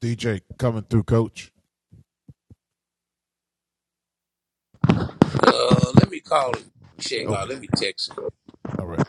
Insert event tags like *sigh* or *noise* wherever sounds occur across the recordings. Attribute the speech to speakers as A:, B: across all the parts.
A: DJ coming through, coach.
B: Uh, let me call and check out.
A: Okay.
B: Let me text him.
A: All right.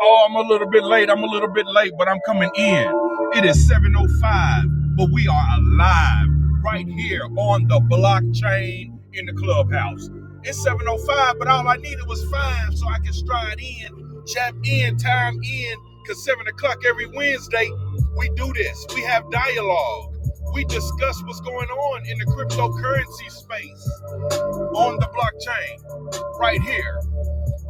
C: Oh, I'm a little bit late. I'm a little bit late, but I'm coming in. It is 7:05, but we are alive right here on the blockchain in the clubhouse. It's 7:05, but all I needed was five, so I can stride in, jump in, time in. Cause seven o'clock every Wednesday, we do this. We have dialogue. We discuss what's going on in the cryptocurrency space on the blockchain right here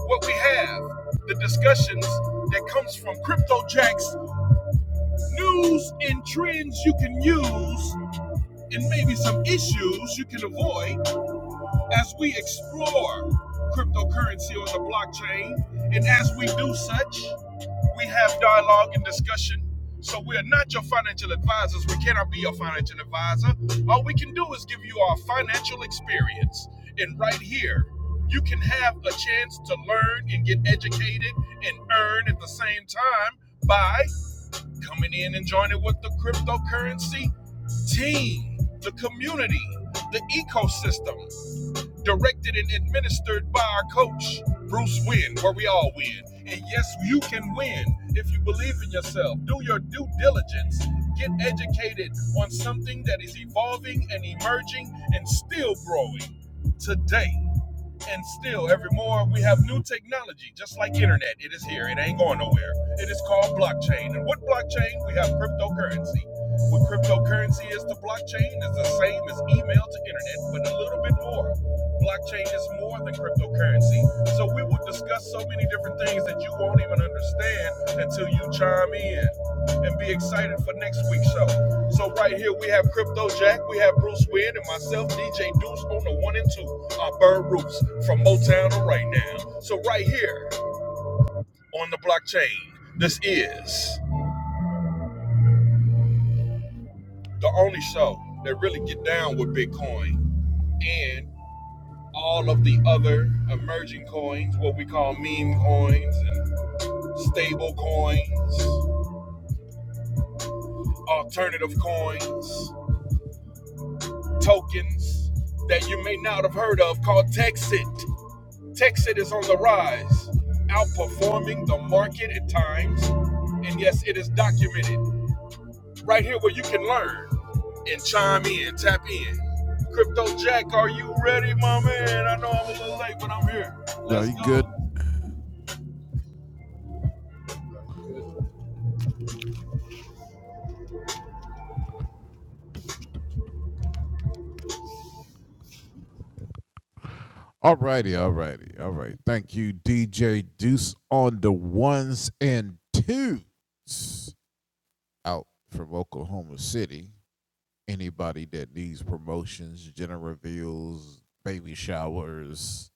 C: what we have, the discussions that comes from CryptoJack's news and trends you can use, and maybe some issues you can avoid as we explore cryptocurrency on the blockchain, and as we do such, we have dialogue and discussion. So we are not your financial advisors. We cannot be your financial advisor. All we can do is give you our financial experience. And right here, you can have a chance to learn and get educated and earn at the same time by coming in and joining with the cryptocurrency team, the community, the ecosystem directed and administered by our coach, Bruce Wynn, where we all win. And yes, you can win if you believe in yourself. Do your due diligence. Get educated on something that is evolving and emerging and still growing today. And still, every more we have new technology, just like internet. It is here. It ain't going nowhere. It is called blockchain. And what blockchain? We have cryptocurrency. What cryptocurrency is to blockchain is the same as email to internet, but a little bit more. Blockchain is more than cryptocurrency. So we will discuss so many different things that you won't even understand until you chime in and be excited for next week's show. So right here we have Crypto Jack, we have Bruce Wynn, and myself, DJ Deuce, on the one and two, our bird roots from Motown to right now. So right here on the blockchain, this is the only show that really get down with Bitcoin and all of the other emerging coins, what we call meme coins and stable coins, alternative coins, tokens that you may not have heard of called Texit. Texas is on the rise, outperforming the market at times. And yes, it is documented right here where you can learn and chime in, tap in. Crypto Jack, are you ready, my man? I know I'm a little late, but I'm here.
A: No,
C: Let's
A: you good?
C: go.
A: All righty. All righty. All right. Thank you, DJ Deuce, on the ones and twos out from Oklahoma City. Anybody that needs promotions, gender reveals, baby showers,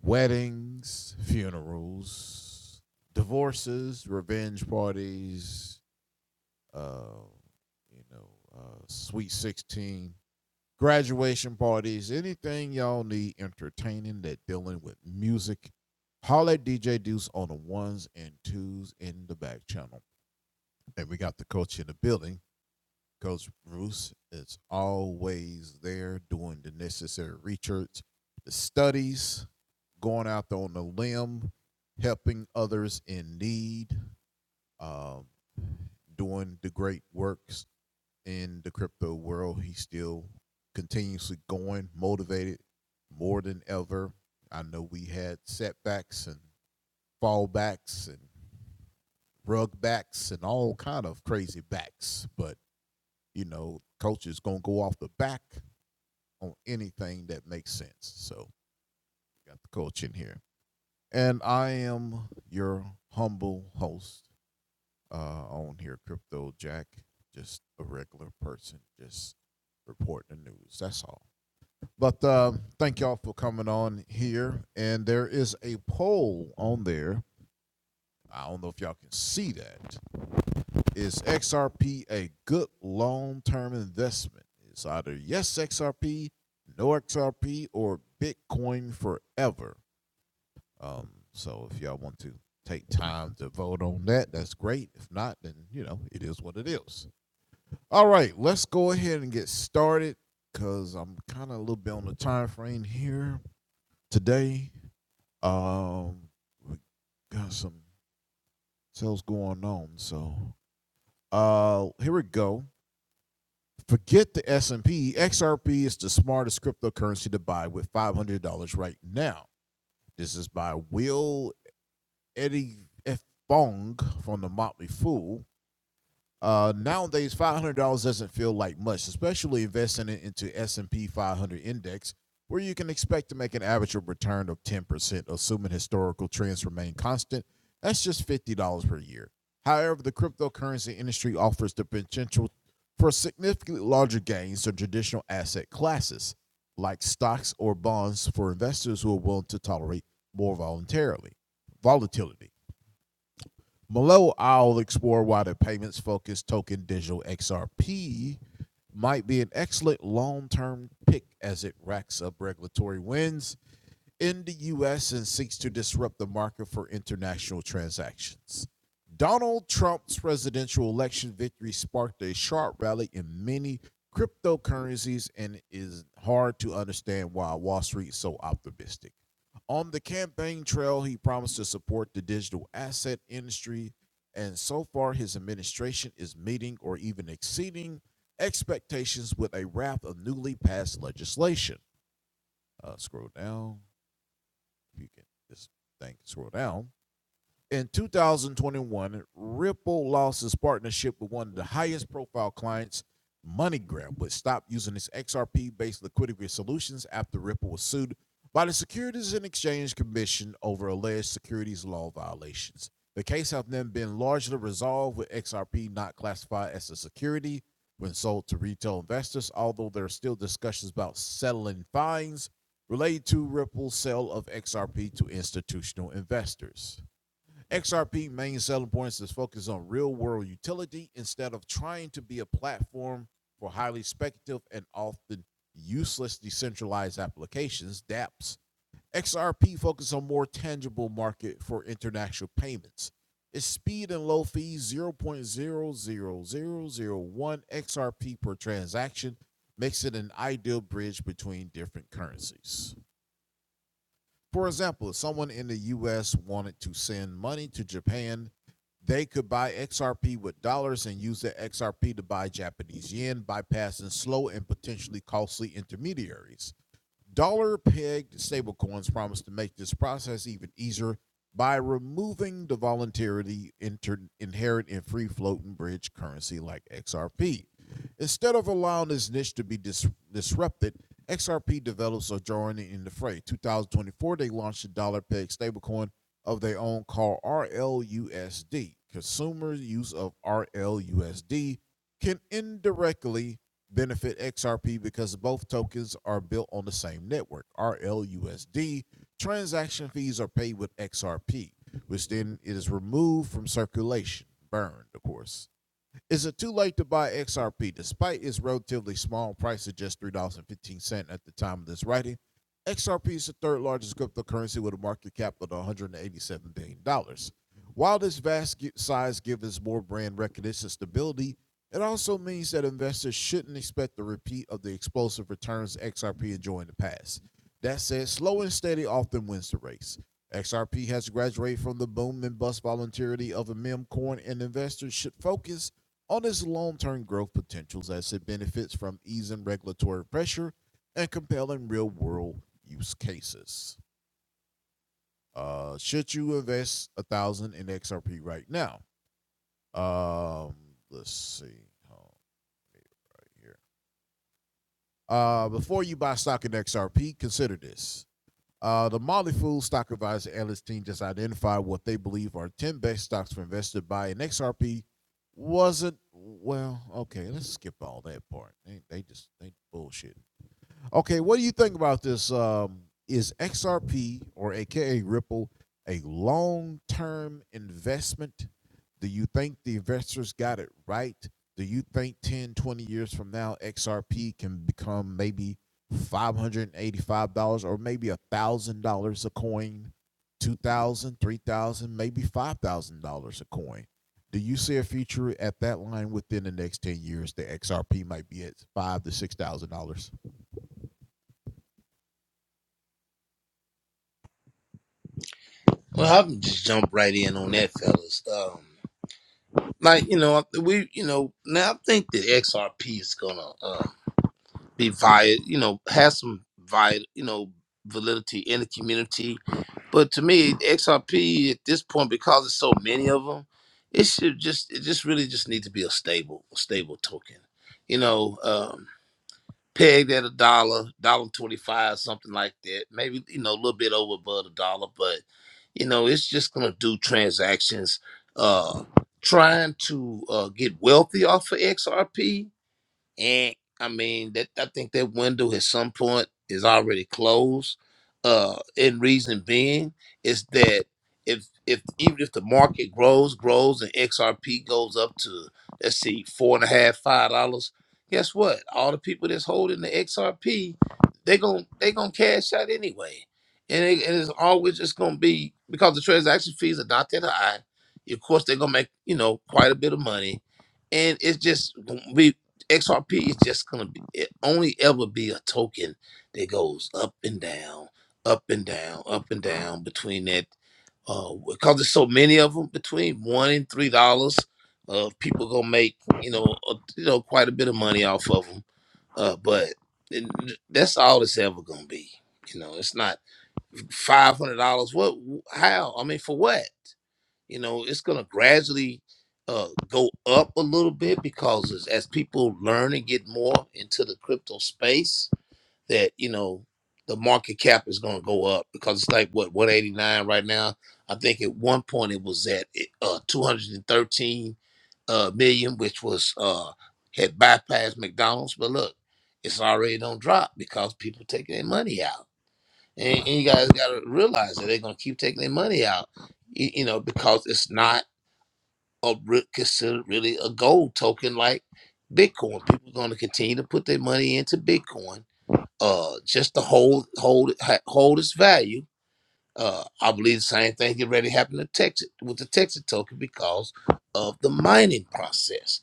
A: weddings, funerals, divorces, revenge parties, uh, you know, uh, sweet 16, graduation parties, anything y'all need entertaining that dealing with music, holler at DJ Deuce on the ones and twos in the back channel. And we got the coach in the building. Coach Bruce is always there doing the necessary research, the studies, going out there on the limb, helping others in need, uh, doing the great work in the crypto world. He's still continuously going, motivated more than ever. I know we had setbacks and fallbacks and rug backs and all kind of crazy backs, but you know, coach is gonna go off the back on anything that makes sense. So got the coach in here. And I am your humble host uh, on here, Crypto Jack, just a regular person, just reporting the news. That's all. But uh, thank y'all for coming on here. And there is a poll on there. I don't know if y'all can see that. Is XRP a good long term investment? It's either yes, XRP, no XRP, or Bitcoin forever. Um, so if y'all want to take time to vote on that, that's great. If not, then, you know, it is what it is. All right, let's go ahead and get started because I'm kind of a little bit on the time frame here today Um, we got some sales going on. So, uh, here we go. Forget the S and P. XRP is the smartest cryptocurrency to buy with five hundred dollars right now. This is by Will Eddie F. Fong from the Motley Fool. Uh, nowadays, five hundred dollars doesn't feel like much, especially investing it into S and P 500 index, where you can expect to make an average return of ten percent, assuming historical trends remain constant. That's just fifty dollars per year. However, the cryptocurrency industry offers the potential for significantly larger gains than traditional asset classes, like stocks or bonds, for investors who are willing to tolerate more voluntarily volatility. Below, I'll explore why the payments focused token digital XRP might be an excellent long term pick as it racks up regulatory wins in the US and seeks to disrupt the market for international transactions. Donald Trump's presidential election victory sparked a sharp rally in many cryptocurrencies and it's hard to understand why Wall Street is so optimistic. On the campaign trail, he promised to support the digital asset industry, and so far, his administration is meeting or even exceeding expectations with a raft of newly passed legislation. Uh, scroll down, if you can, this thing scroll down. In 2021, Ripple lost its partnership with one of the highest profile clients, MoneyGram, which stopped using its XRP based liquidity solutions after Ripple was sued by the Securities and Exchange Commission over alleged securities law violations. The case has then been largely resolved with XRP not classified as a security when sold to retail investors, although there are still discussions about settling fines related to Ripple's sale of XRP to institutional investors. XRP main selling points is focused on real world utility instead of trying to be a platform for highly speculative and often useless decentralized applications, dApps. XRP focuses on more tangible market for international payments. Its speed and low fees zero point zero zero zero zero 0.00001 XRP per transaction makes it an ideal bridge between different currencies. For example, if someone in the US wanted to send money to Japan, they could buy XRP with dollars and use the XRP to buy Japanese yen, bypassing slow and potentially costly intermediaries. Dollar pegged stablecoins promise to make this process even easier by removing the volatility inter- inherent in free floating bridge currency like XRP. Instead of allowing this niche to be dis- disrupted, XRP developers are joining in the fray. 2024, they launched a dollar pegged stablecoin of their own called RLUSD. Consumer use of RLUSD can indirectly benefit XRP because both tokens are built on the same network, RLUSD. Transaction fees are paid with XRP, which then is removed from circulation, burned, of course. Is it too late to buy XRP? Despite its relatively small price of just $3.15 at the time of this writing, XRP is the third largest cryptocurrency with a market cap of $187 billion. dollars. While this vast size gives more brand recognition stability, it also means that investors shouldn't expect a repeat of the explosive returns XRP enjoyed in the past. That said, slow and steady often wins the race. XRP has graduated from the boom and bust volatility of a meme coin, and investors should focus on its long term growth potentials as it benefits from easing regulatory pressure and compelling real world use cases. Uh, should you invest a thousand in XRP right now? Um, let's see. Hold on right here. Uh, before you buy stock in XRP, consider this. Uh, the Molly Fool Stock Advisor analyst team just identified what they believe are 10 best stocks for investors to buy in XRP. Wasn't well, okay. Let's skip all that part. They, they just they bullshit. Okay, what do you think about this? Um, is XRP or AKA Ripple a long term investment? Do you think the investors got it right? Do you think 10, 20 years from now, XRP can become maybe $585 or maybe $1,000 a coin, 2000 3000 maybe $5,000 a coin? Do you see a future at that line within the next 10 years? The XRP might be at five thousand to $6,000.
B: Well, i can just jump right in on that, fellas. Um, like you know, we you know now I think that XRP is gonna um be via you know has some via you know validity in the community, but to me XRP at this point because there's so many of them, it should just it just really just need to be a stable a stable token, you know. um, pegged at a dollar, dollar twenty five, something like that. Maybe you know a little bit over above a dollar, but you know it's just gonna do transactions. Uh, trying to uh, get wealthy off of XRP. And I mean that I think that window at some point is already closed. Uh and reason being is that if if even if the market grows, grows and XRP goes up to let's see, four and a half, five dollars, guess what? All the people that's holding the XRP, they gon' they gonna cash out anyway. And it, and it's always just gonna be because the transaction fees are not that high. Of course, they're gonna make you know quite a bit of money, and it's just we. XRP is just gonna be it only ever be a token that goes up and down, up and down, up and down between that uh because there's so many of them between one and three dollars. Uh, people gonna make you know uh, you know quite a bit of money off of them. Uh, but it- that's all it's ever gonna be. You know, it's not five hundred dollars. What? How? I mean, for what? you know it's going to gradually uh, go up a little bit because as, as people learn and get more into the crypto space that you know the market cap is going to go up because it's like what 189 right now i think at one point it was at uh, 213 uh, million which was uh, had bypassed mcdonald's but look it's already don't drop because people taking their money out and, and you guys got to realize that they're going to keep taking their money out y- you know because it's not are re- considered really a gold token like Bitcoin. People are going to continue to put their money into Bitcoin uh, just to hold hold it- ha- hold its value. Uh, I believe the same thing already happened to Texas with the Texas token because of the mining process.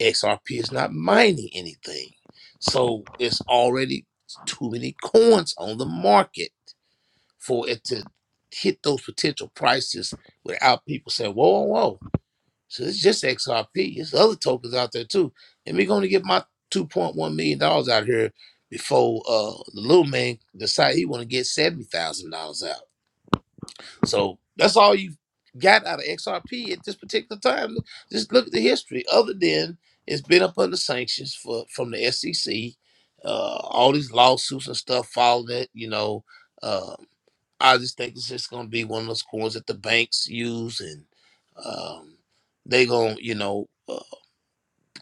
B: XRP is not mining anything, so it's already too many coins on the market for it to hit those potential prices without people saying, "Whoa, whoa, whoa!" So it's just XRP. There's other tokens out there too. And we're gonna get my two point one million dollars out here before uh the little man decide he wanna get seventy thousand dollars out. So that's all you got out of XRP at this particular time. Just look at the history. Other than it's been up under sanctions for from the SEC, uh all these lawsuits and stuff following it, you know. uh, I just think it's just gonna be one of those coins that the banks use, and um, they gonna you know uh,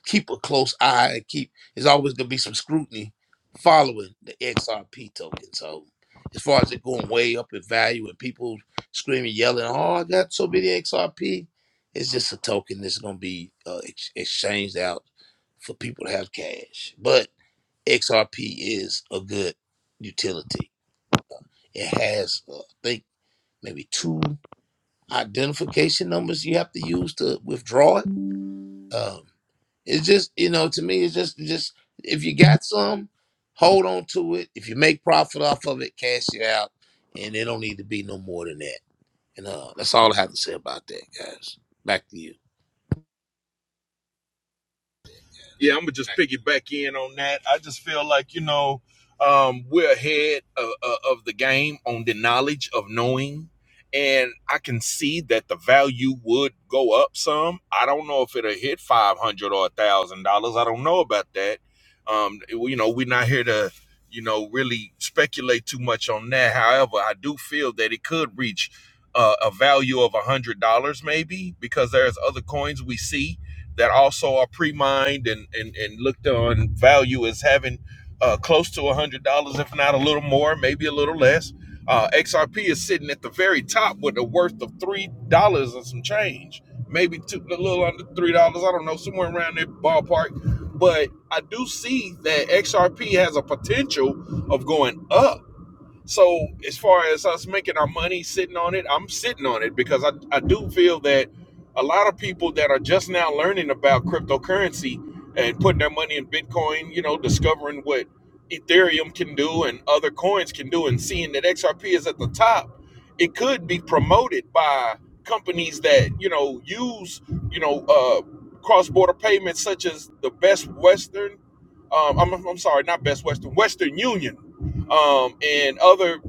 B: keep a close eye and keep. There's always gonna be some scrutiny following the XRP token. So as far as it going way up in value and people screaming, yelling, "Oh, I got so many XRP," it's just a token that's gonna be uh, ex- exchanged out for people to have cash. But XRP is a good utility. It has, uh, I think, maybe two identification numbers you have to use to withdraw it. Um, it's just you know to me it's just just if you got some, hold on to it. If you make profit off of it, cash it out, and it don't need to be no more than that. And uh, that's all I have to say about that, guys. Back to you.
C: Yeah, I'm gonna just piggyback in on that. I just feel like you know um, we're ahead of, of the game on the knowledge of knowing, and I can see that the value would go up some. I don't know if it'll hit five hundred dollars or a thousand dollars. I don't know about that. Um, you know, we're not here to you know really speculate too much on that. However, I do feel that it could reach. Uh, a value of a hundred dollars maybe because there's other coins we see that also are pre-mined and and, and looked on value as having uh, close to one hundred dollars, if not a little more, maybe a little less. Uh, XRP is sitting at the very top with a worth of three dollars and some change, maybe two, a little under three dollars. I don't know, somewhere around that ballpark. But I do see that XRP has a potential of going up so as far as us making our money sitting on it, I'm sitting on it because I, I do feel that a lot of people that are just now learning about cryptocurrency and putting their money in Bitcoin, you know, discovering what Ethereum can do and other coins can do and seeing that XRP is at the top, it could be promoted by companies that, you know, use, you know, uh, cross-border payments such as the Best Western, um, I'm, I'm sorry, not Best Western, Western Union um, and other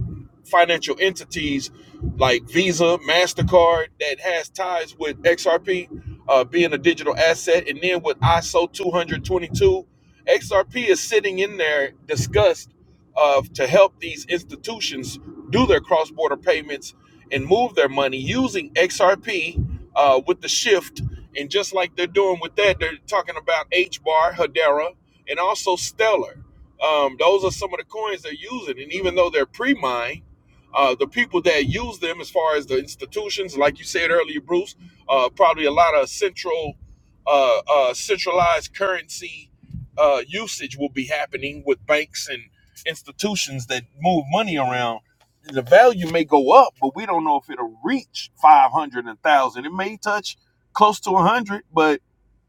C: financial entities like Visa, MasterCard that has ties with XRP uh, being a digital asset. And then with ISO 222, XRP is sitting in there discussed uh, to help these institutions do their cross border payments and move their money using XRP uh, with the shift. And just like they're doing with that, they're talking about H bar, Hedera, and also Stellar. Um, those are some of the coins they're using, and even though they're pre-mined, uh, the people that use them, as far as the institutions, like you said earlier, Bruce, uh, probably a lot of central, uh, uh, centralized currency uh, usage will be happening with banks and institutions that move money around. The value may go up, but we don't know if it'll reach five hundred and one thousand. It may touch close to a hundred, but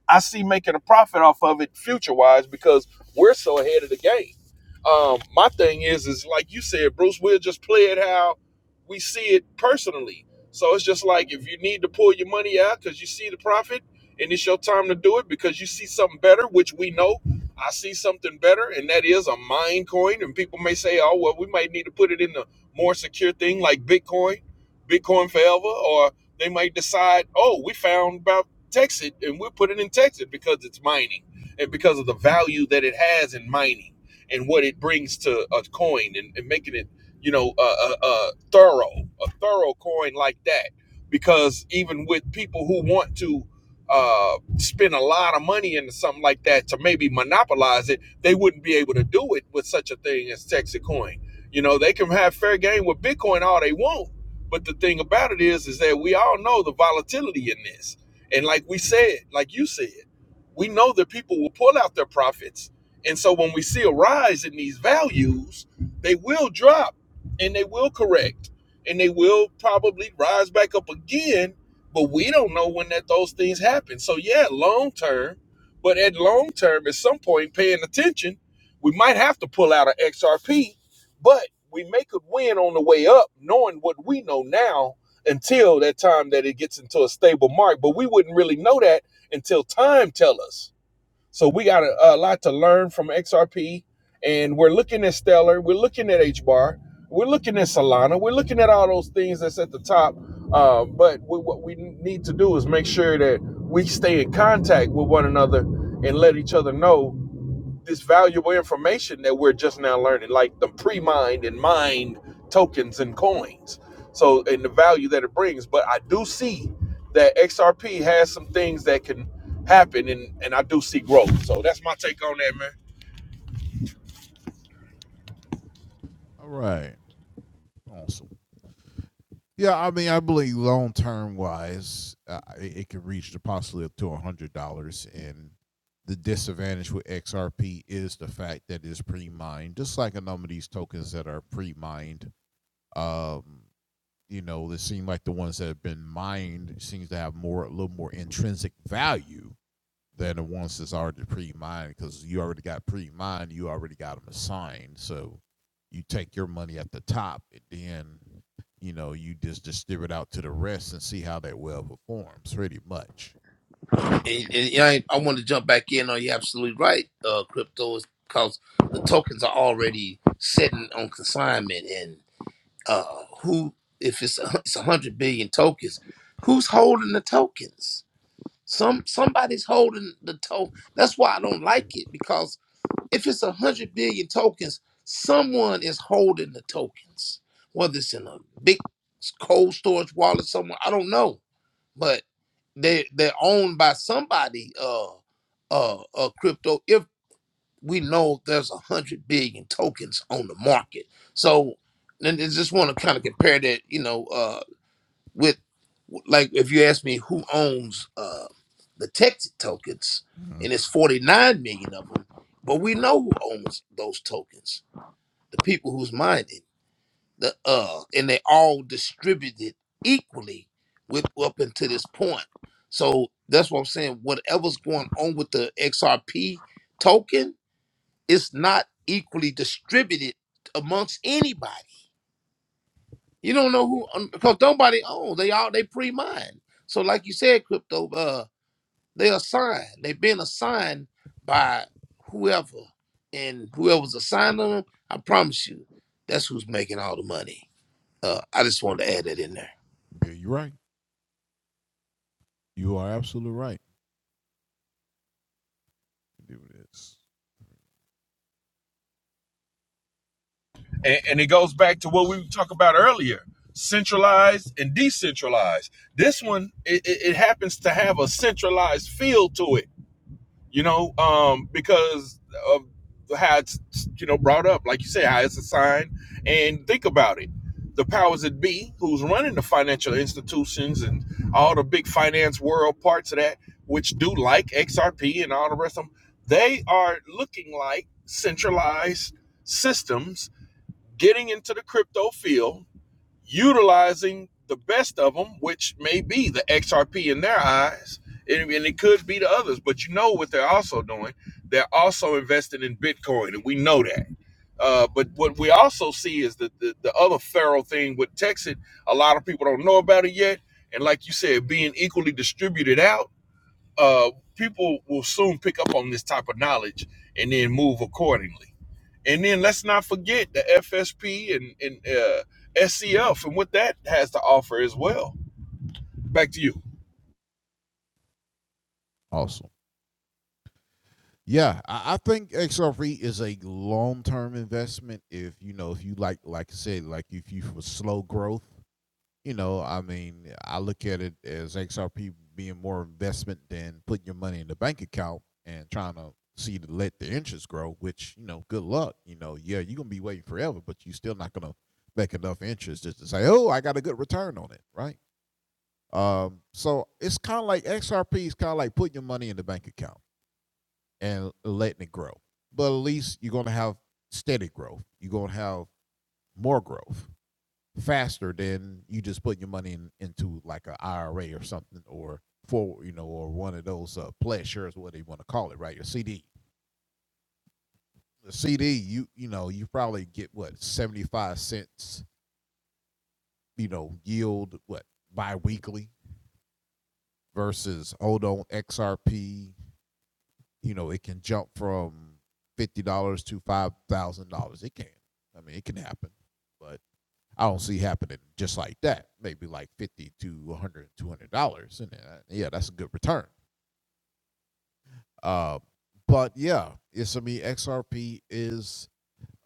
C: I see making a profit off of it future wise because we're so ahead of the game. Um, my thing is, is like you said, Bruce, we'll just play it how we see it personally. So it's just like if you need to pull your money out because you see the profit and it's your time to do it because you see something better, which we know I see something better, and that is a mine coin. And people may say, oh, well, we might need to put it in the more secure thing like Bitcoin, Bitcoin forever, or they might decide, oh, we found about text it and we'll put it in Texas because it's mining and because of the value that it has in mining and what it brings to a coin and, and making it, you know, a, a, a thorough, a thorough coin like that. Because even with people who want to uh, spend a lot of money into something like that to maybe monopolize it, they wouldn't be able to do it with such a thing as Texas coin. You know, they can have fair game with Bitcoin all they want. But the thing about it is, is that we all know the volatility in this and like we said, like you said, we know that people will pull out their profits. And so when we see a rise in these values, they will drop and they will correct and they will probably rise back up again. But we don't know when that those things happen. So yeah, long term, but at long term, at some point paying attention, we might have to pull out an XRP, but we may could win on the way up, knowing what we know now until that time that it gets into a stable mark. But we wouldn't really know that until time tell us. So we got a, a lot to learn from XRP, and we're looking at Stellar, we're looking at H bar, we're looking at Solana, we're looking at all those things that's at the top. Uh, but we, what we need to do is make sure that we stay in contact with one another and let each other know this valuable information that we're just now learning, like the pre-mined and mined tokens and coins. So, and the value that it brings. But I do see that XRP has some things that can happen, and and I do see growth. So that's my take on that, man.
A: All right. Awesome. Yeah, I mean, I believe long term wise, uh, it, it could reach the possibly up to a hundred dollars. And the disadvantage with XRP is the fact that it's pre-mined, just like a number of these tokens that are pre-mined. Um, you know, it seems like the ones that have been mined seems to have more, a little more intrinsic value than the ones that's already pre-mined because you already got pre-mined, you already got them assigned. So you take your money at the top, and then you know you just distribute out to the rest and see how that well performs. Pretty much,
B: And,
A: you know.
B: and yeah, I, I want to jump back in on you're absolutely right. Uh, crypto is because the tokens are already sitting on consignment and. uh, who if it's *laughs* a it's a hundred billion tokens, who's holding the tokens? Some somebody's holding the token. That's why I don't like it because if it's a hundred billion tokens, someone is holding the tokens. Whether it's in a big cold storage wallet somewhere, I don't know, but they they're owned by somebody. Uh, uh, uh, crypto we know there's a hundred billion tokens on the market. So then I just want to kind of compare that, you know, uh, with like if you ask me who owns uh, the tech tokens,
A: hmm
B: and it's 49 million of them, but we know who owns those tokens, the people who's mining, the uh, and they all distributed equally with up until this point. So that's what I'm saying. Whatever's going on with the XRP token it's not equally distributed amongst anybody. You don't know who um, because nobody owns. They all they pre-mine. So like you said, crypto, uh, they assigned. They've been assigned by whoever, and whoever's assigned them, I promise you, that's who's making all the money. Uh, I just wanted to add that in there.
A: Yeah, you're right. You are absolutely right. Do this.
C: And,
A: Okay.
C: and it goes back to what we talked about earlier: centralized and decentralized. This one, it, it it happens to have a centralized feel to it you know, um, because of how it's, you know, brought up, like you say, how it's assigned. And think about it. The powers that be, who's running the financial institutions and all the big finance world parts of that, which do like XRP and all the rest of them, they are looking like centralized systems getting into the crypto field utilizing the best of them, which may be the XRP in their eyes, and, and it could be the others. But you know what they're also doing? They're also investing in Bitcoin, and we know that. Uh, but what we also see is that the, the other feral thing with Texas, a lot of people don't know about it yet. And like you said, being equally distributed out uh, people will soon pick up on this type of knowledge and then move accordingly. And then let's not forget the FSP and, and uh, SCF and what that has to offer as well. Back to you.
A: Awesome. Yeah, I, I think XRP is a long-term investment. If you know, if you like, like I said, like if you for slow growth, you know, I mean, I look at it as XRP being more investment than putting your money in the bank account and trying to see to let the interest grow, which, you know, good luck. You know, yeah, you're gonna be waiting forever, but you're still not gonna make enough interest just to say, Oh, I got a good return on it, right? Um, so it's kinda like XRP is kinda like putting your money in the bank account and letting it grow. But at least you're gonna have steady growth. You're gonna have more growth faster than you just putting your money in, into like an I R a IRA or something or for you know or one of those uh, pledge shares, what you want to call it, right? Your CD. The CD, you you know, you probably get what seventy five cents, you know, yield what biweekly versus hold on XRP. You know, it can jump from fifty dollars to five thousand dollars. It can. I mean, it can happen, but I don't see happening just like that. Maybe like fifty to 100, 200 dollars, and uh, yeah, that's a good return. Uh, but yeah, it's I mean XRP is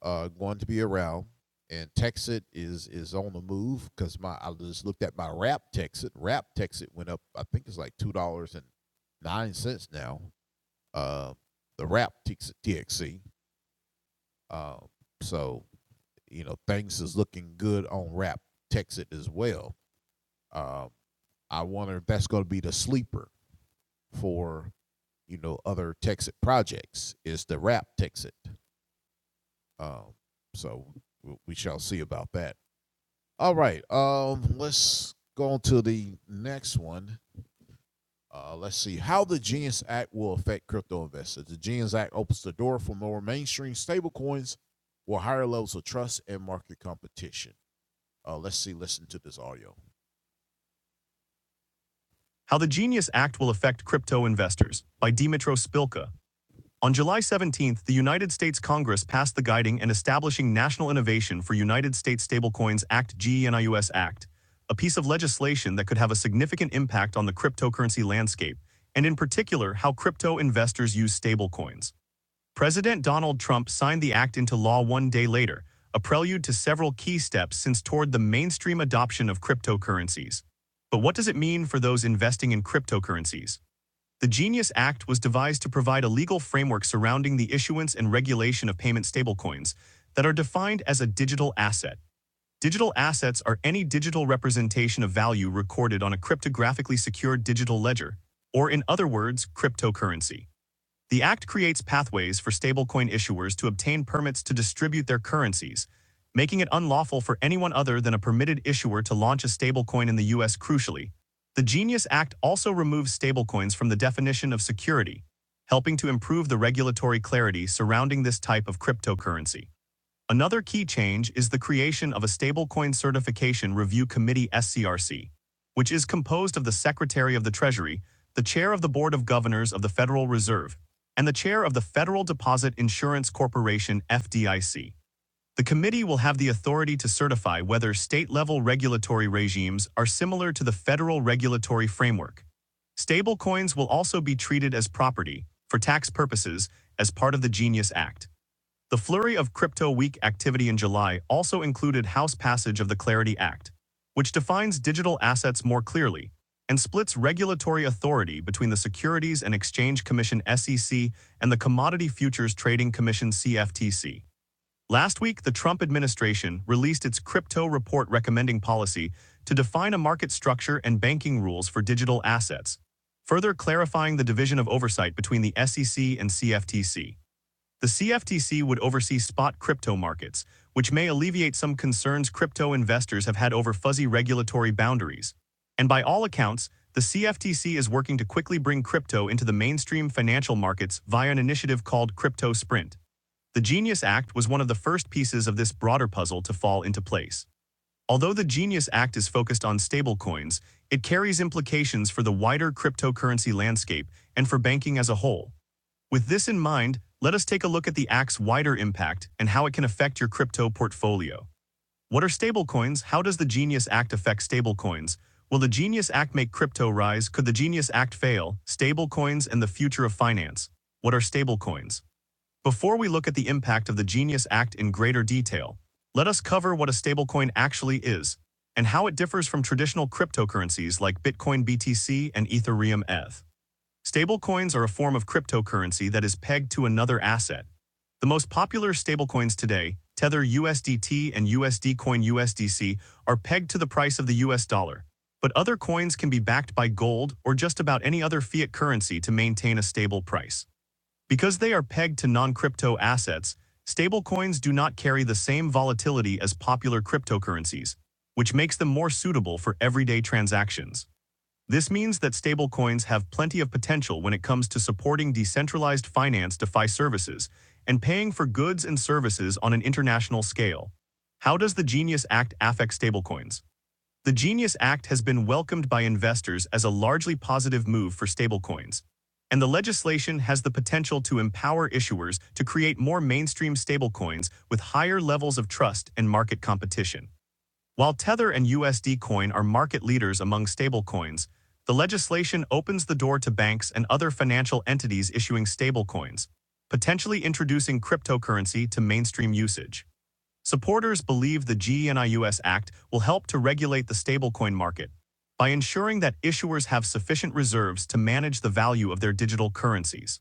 A: uh, going to be around, and Texit is is on the move because my I just looked at my Wrap Texit. Wrap Texit went up. I think it's like two dollars and nine cents now. Uh, the Wrap Tex- TXC. Uh, so you know things is looking good on Wrap Texit as well. Um, I wonder if that's going to be the sleeper for you know other Texas projects. Is the rap Texas? Um, so we shall see about that. All right. Um, let's go on to the next one. Uh, let's see how the Genius Act will affect crypto investors. The Genius Act opens the door for more mainstream stablecoins with higher levels of trust and market competition. Uh, let's see. Listen to this audio. How the Genius Act Will Affect Crypto Investors by Dimitro Spilka. On July 17th, the United States Congress passed the Guiding and Establishing National Innovation for United States Stablecoins Act GENIUS Act, a piece of legislation that could have a significant impact on the cryptocurrency landscape, and in particular, how crypto investors use stablecoins. President Donald Trump signed the act into law one day later, a prelude to several key steps since toward the mainstream adoption of cryptocurrencies. But what does it mean for those investing in cryptocurrencies? The GENIUS Act was devised to provide a legal framework surrounding the issuance and regulation of payment stablecoins that are defined as a digital asset. Digital assets are any digital representation of value recorded on a cryptographically secured digital ledger, or in other words, cryptocurrency. The Act creates pathways for stablecoin issuers to obtain permits to distribute their currencies, making it unlawful for anyone other than a permitted issuer to launch a stablecoin in the U.S. Crucially, the Genius Act also removes stablecoins from the definition of security, helping to improve the regulatory clarity surrounding this type of cryptocurrency. Another key change is the creation of a Stablecoin Certification Review Committee SCRC, which is composed of the Secretary of the Treasury, the Chair of the Board of Governors of the Federal Reserve, and the Chair of the Federal Deposit Insurance Corporation FDIC. The committee will have the authority to certify whether state-level regulatory regimes are similar to the federal regulatory framework. Stablecoins will also be treated as property, for tax purposes, as part of the Genius Act. The flurry of crypto week activity in July also included House passage of the Clarity Act, which defines digital assets more clearly and splits regulatory authority between the Securities and Exchange Commission SEC and the Commodity Futures Trading Commission CFTC. Last week, the Trump administration released its crypto report recommending policy to define a market structure and banking rules for digital assets, further clarifying the division of oversight between the SEC and CFTC. The CFTC would oversee spot crypto markets, which may alleviate some concerns crypto investors have had over fuzzy regulatory boundaries. And by all accounts, the CFTC is working to quickly bring crypto into the mainstream financial markets via an initiative called Crypto Sprint. The Genius Act was one of the first pieces of this broader puzzle to fall into place. Although the Genius Act is focused on stablecoins, it carries implications for the wider cryptocurrency landscape and for banking as a whole. With this in mind, let us take a look at the Act's wider impact and how it can affect your crypto portfolio. What are stablecoins? How does the Genius Act affect stablecoins? Will the Genius Act make crypto rise? Could the Genius Act fail? Stablecoins and the future of finance. What are stablecoins? Before we look at the impact of the Genius Act in greater detail, let us cover what a stablecoin actually is and how it differs from traditional cryptocurrencies like Bitcoin BTC and Ethereum ETH. Stablecoins are a form of cryptocurrency that is pegged to another asset. The most popular stablecoins today, Tether USDT and USD Coin USDC, are pegged to the price of the US dollar. But other coins can be backed by gold or just about any other fiat currency to maintain a stable price. Because they are pegged to non-crypto assets, stablecoins do not carry the same volatility as popular cryptocurrencies, which makes them more suitable for everyday transactions. This means that stablecoins have plenty of potential when it comes to supporting decentralized finance DeFi services and paying for goods and services on an international scale. How does the Genius Act affect stablecoins? The Genius Act has been welcomed by investors as a largely positive move for stablecoins, and the legislation has the potential to empower issuers to create more mainstream stablecoins with higher levels of trust and market competition. While Tether and USD Coin are market leaders among stablecoins, the legislation opens the door to banks and other financial entities issuing stablecoins, potentially introducing cryptocurrency to mainstream usage. Supporters believe the GENIUS Act will help to regulate the stablecoin market by ensuring that issuers have sufficient reserves to manage the value of their digital currencies.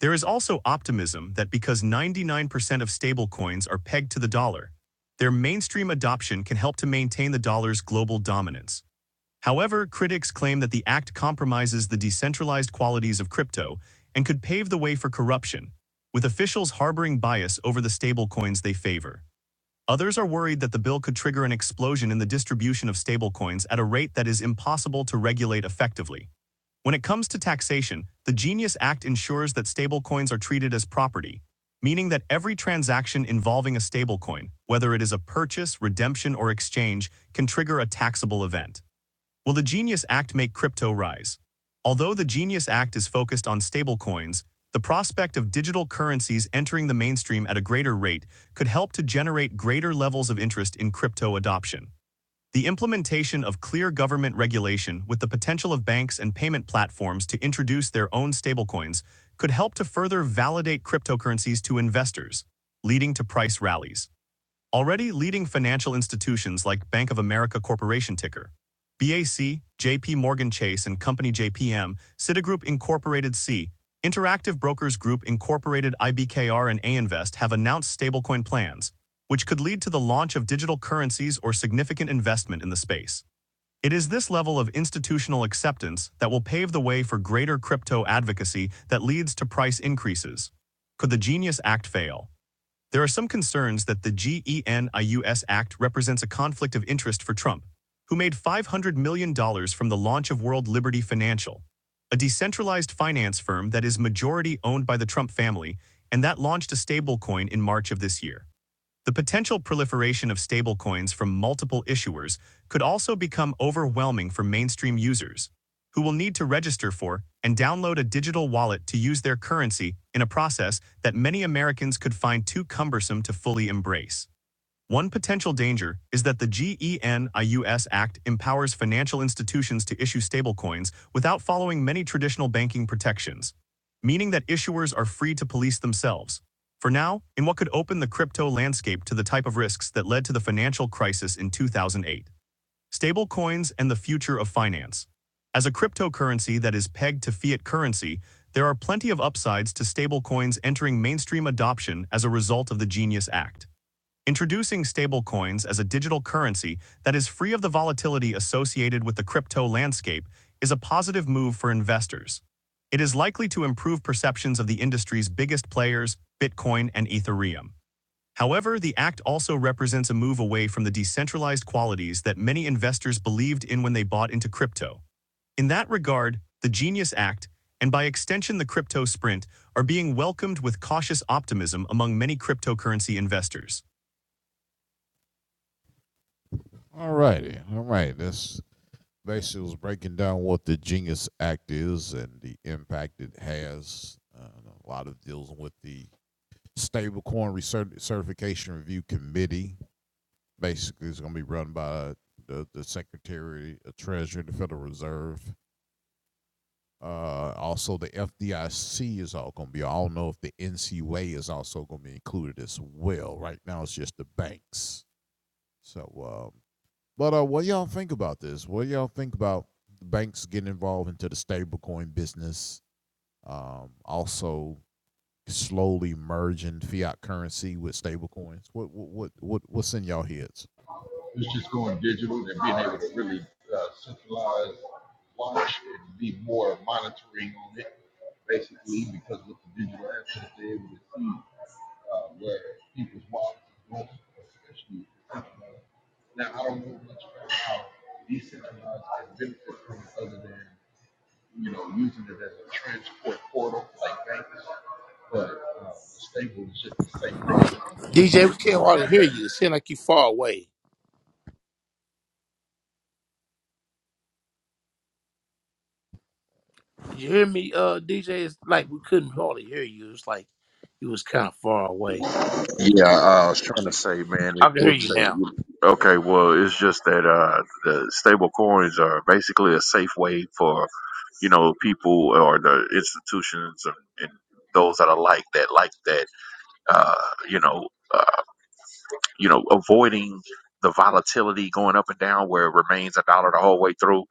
A: There is also optimism that because 99% of stablecoins are pegged to the dollar, their mainstream adoption can help to maintain the dollar's global dominance. However, critics claim that the act compromises the decentralized qualities of crypto and could pave the way for corruption, with officials harboring bias over the stablecoins they favor. Others are worried that the bill could trigger an explosion in the distribution of stablecoins at a rate that is impossible to regulate effectively. When it comes to taxation, the Genius Act ensures that stablecoins are treated as property, meaning that every transaction involving a stablecoin, whether it is a purchase, redemption, or exchange, can trigger a taxable event. Will the Genius Act make crypto rise? Although the Genius Act is focused on stablecoins, the prospect of digital currencies entering the mainstream at a greater rate could help to generate greater levels of interest in crypto adoption. The implementation of clear government regulation with the potential of banks and payment platforms to introduce their own stablecoins could help to further validate cryptocurrencies to investors, leading to price rallies. Already, leading financial institutions like Bank of America Corporation ticker BAC, JP Morgan Chase and Company JPM, Citigroup Incorporated C, Interactive Brokers Group Incorporated IBKR and A Invest have announced stablecoin plans, which could lead to the launch of digital currencies or significant investment in the space. It is this level of institutional acceptance that will pave the way for greater crypto advocacy that leads to price increases. Could the Genius Act fail? There are some concerns that the GENIUS Act represents a conflict of interest for Trump, who made $500 million dollars from the launch of World Liberty Financial, a decentralized finance firm that is majority owned by the Trump family and that launched a stablecoin in March of this year. The potential proliferation of stablecoins from multiple issuers could also become overwhelming for mainstream users, who will need to register for and download a digital wallet to use their currency in a process that many Americans could find too cumbersome to fully embrace. One potential danger is that the GENIUS Act empowers financial institutions to issue stablecoins without following many traditional banking protections, meaning that issuers are free to police themselves. For now, in what could open the crypto landscape to the type of risks that led to the financial crisis in 2008. Stablecoins and the future of finance. As a cryptocurrency that is pegged to fiat currency, there are plenty of upsides to stablecoins entering mainstream adoption as a result of the Genius Act. Introducing stablecoins as a digital currency that is free of the volatility associated with the crypto landscape is a positive move for investors. It is likely to improve perceptions of the industry's biggest players, Bitcoin and Ethereum. However, the act also represents a move away from the decentralized qualities that many investors believed in when they bought into crypto. In that regard, the Genius Act, and by extension the crypto sprint, are being welcomed with cautious optimism among many cryptocurrency investors. All righty. All right. This basically was breaking down what the Genius Act is and the impact it has. Uh, a lot of deals with the Stablecoin Recer- Certification Review Committee. Basically, it's going to be run by the, the Secretary of Treasury, the Federal Reserve. Uh, also, the FDIC is all going to be. I don't know if the NCUA is also going to be included as well. Right now, it's just the banks. So, uh, But uh, what do y'all think about this? What do y'all think about the banks getting involved into the stablecoin business? Um, also slowly merging fiat currency with stablecoins. What what what what what's in y'all heads?
C: It's just going digital and being able to really uh, centralize watch and be more monitoring on it, basically.
B: DJ, we can't hardly hear you. It seems like you far away. You hear me, uh, DJ? It's like we couldn't hardly hear you. It's like you was kind of far away.
C: Yeah, I was trying to say, man,
B: I
C: it's
B: can hear
C: just
B: you
C: that
B: now.
C: you- okay. Well, it's just that uh, the stable coins are basically a safe way for you know, people or the institutions and, and those that are like that, like that, uh, you know, uh, you know, avoiding the volatility going up and down where it remains a dollar the whole way through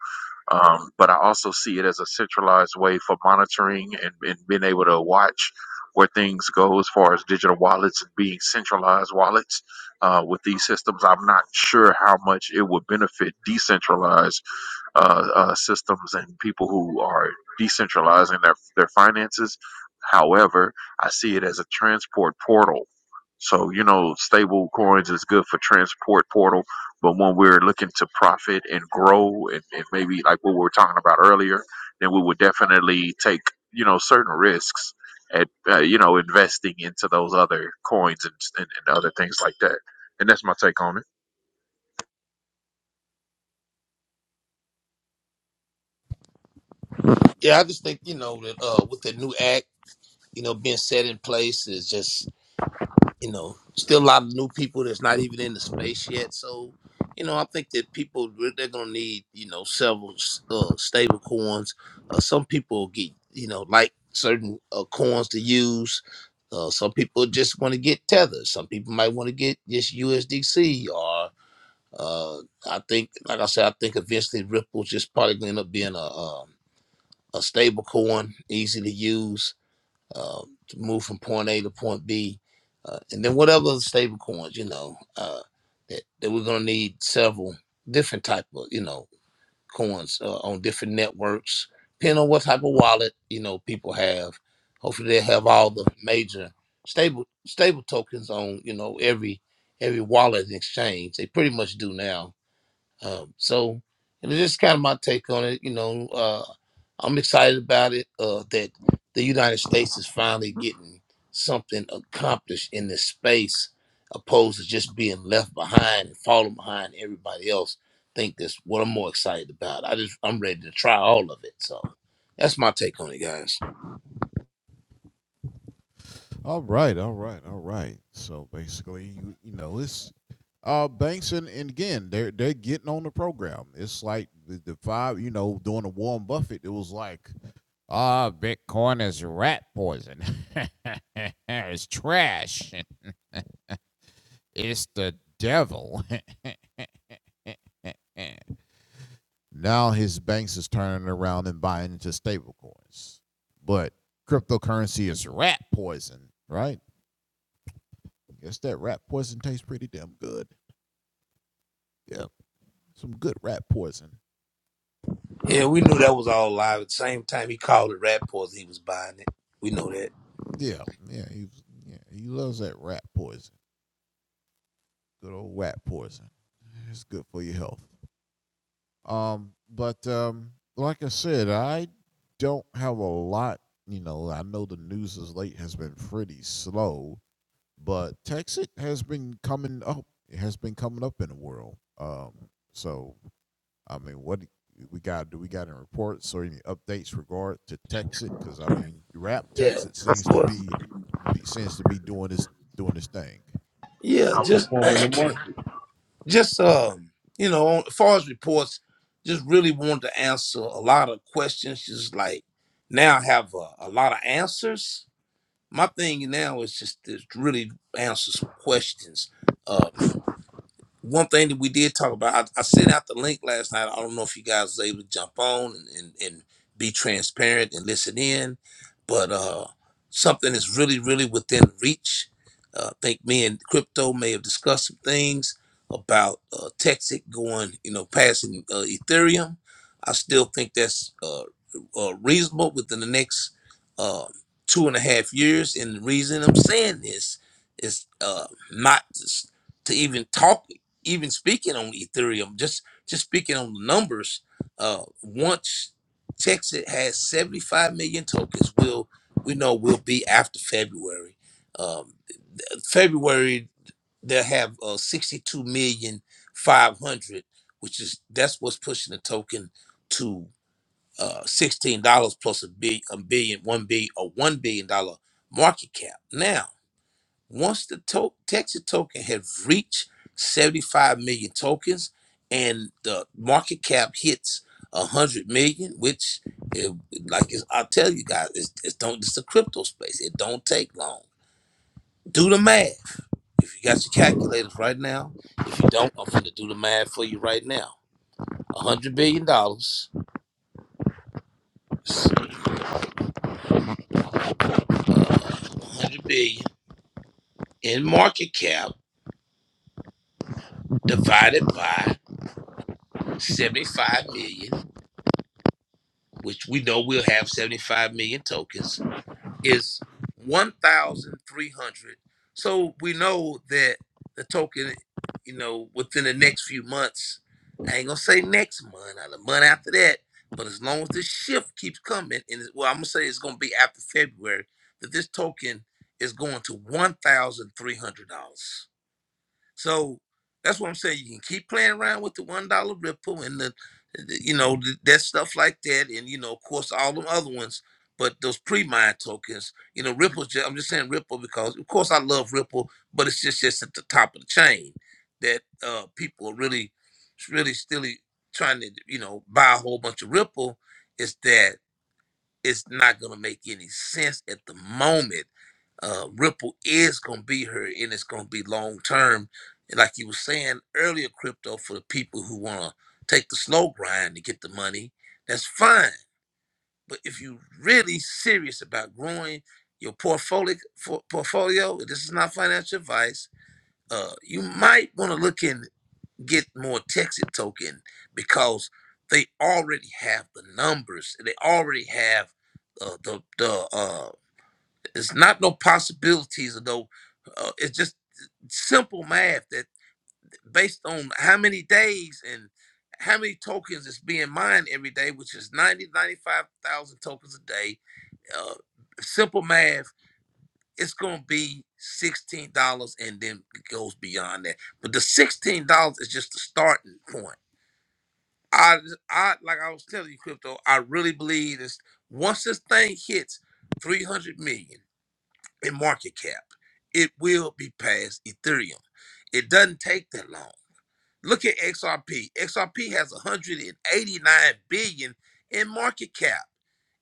C: um, but I also see it as a centralized way for monitoring and, and being able to watch where things go as far as digital wallets and being centralized wallets uh, with these systems. I'm not sure how much it would benefit decentralized uh, uh, systems and people who are decentralizing their, their finances. However, I see it as a transport portal. So, you know, stable coins is good for transport portal but when we're looking to profit and grow and, and maybe like what we were talking about earlier, then we would definitely take, you know, certain risks at, uh, you know, investing into those other coins and, and, and other things like that. And that's my take on it.
B: Yeah, I just think you know that uh, with the new act, you know, being set in place is just you know still a lot of new people that's not even in the space yet. So, you know, I think that people they're gonna need you know several uh, stable coins. Uh, some people get you know like certain uh, coins to use. Uh, some people just want to get tether. Some people might want to get just USDC or uh, I think, like I said, I think eventually Ripple's just probably going to end up being a, um, a stable coin, easy to use, uh, to move from point A to point B. Uh, and then whatever other stable coins, you know, uh, that, that we're going to need several different type of, you know, coins uh, on different networks, depending on what type of wallet, you know, people have. Hopefully they have all the major stable stable tokens on, you know, every every wallet and exchange. They pretty much do now um, so you know, this is kind of my take on it. You know, uh, I'm excited about it uh, that the United States is finally getting something accomplished in this space, opposed to just being left behind and falling behind everybody else. I think that's what I'm more excited about. I just I'm ready to try all of it. So. That's my take on it, guys.
A: All right, all right, all right. So basically, you, you know, it's uh banks and, and again they're they're getting on the program. It's like the, the five, you know, during the Warren Buffett, it was like Ah, uh, Bitcoin is rat poison. *laughs* it's trash. It's the devil. *laughs* now his banks is turning around and buying into stablecoins. But cryptocurrency is rat poison, right? I Guess that rat poison tastes pretty damn good. Yeah, some good rat poison.
B: Yeah, we knew that was all live. At the same time, he called it rap poison. He was buying it. We know that.
A: Yeah, yeah, he yeah, he loves that rat poison. Good old rat poison. It's good for your health. Um, but um, like I said, I don't have a lot. You know, I know the news as late has been pretty slow, but Texas has been coming up. It has been coming up in the world. Um, so I mean, what we got? Do we got any reports or any updates regard to Texas? Because I mean, rap
B: Yeah,
A: Texas
B: of
A: seems to
B: course.
A: be, be seems to be doing this doing this thing.
B: Yeah, just, *clears throat* just um, you know, on, as far as reports, just really wanted to answer a lot of questions. Just like now, I have a, a lot of answers. my thing now is just to really answer some questions. Uh, one thing that we did talk about, I, I sent out the link last night. I don't know if you guys was able to jump on and, and, and be transparent and listen in, but uh, something that's really, really within reach. Uh, I think me and Crypto may have discussed some things about uh, Texas going, you know, passing uh, Ethereum. I still think that's uh, uh, reasonable within the next uh, two and a half years. And the reason I'm saying this is uh, not to, s- to even talk even speaking on Ethereum, just just speaking on the numbers, uh, once Texas has 75 million tokens, we'll we know we'll be after February. Um, February they'll have uh, 62 million five hundred, which is that's what's pushing the token to uh, $16 plus a billion, a billion, one billion, or one billion dollar market cap. Now once the to- Texas token had reached 75 million tokens and the market cap hits 100 million, which, it, like it's, I'll tell you guys, it's, it's, don't, it's a crypto space. It don't take long. Do the math. If you got your calculators right now, if you don't, I'm going to do the math for you right now. $100 billion, dollars, uh, 100 billion in market cap divided by 75 million which we know we'll have 75 million tokens, is 1,300. So we know that the token, you know, within the next few months, I ain't gonna say next month or the month after that, but as long as this shift keeps coming, and it- well, I'm gonna say it's gonna be after February, that this token is going to $1,300. So that's what I'm saying. You can keep playing around with the one dollar Ripple and the, the- you know, th- that stuff like that, and you know, of course, all the other ones. But those pre-mine tokens, you know, Ripple's. Just, I'm just saying Ripple because, of course, I love Ripple, but it's just just at the top of the chain that uh people are really, really, still trying to, you know, buy a whole bunch of Ripple. Is that it's not gonna make any sense at the moment. Uh, Ripple is gonna be here, and it's gonna be long term. And like you were saying earlier, crypto for the people who wanna take the slow grind to get the money, that's fine. But if you are really serious about growing your portfolio, for, portfolio, this is not financial advice. Uh, you might want to look in get more Texas token because they already have the numbers. They already have uh, the the uh, it's not no possibilities or no. Uh, it's just simple math that based on how many days and how many tokens is being mined every day, which is 90 95,000 tokens a day. Uh, simple math, it's going to be $16 and then it goes beyond that. But the $16 is just the starting point I, I like I was telling you, crypto. I really believe this. Once this thing hits 300 million in market cap, it will be past Ethereum. It doesn't take that long. Look at XRP. XRP has 189 billion in market cap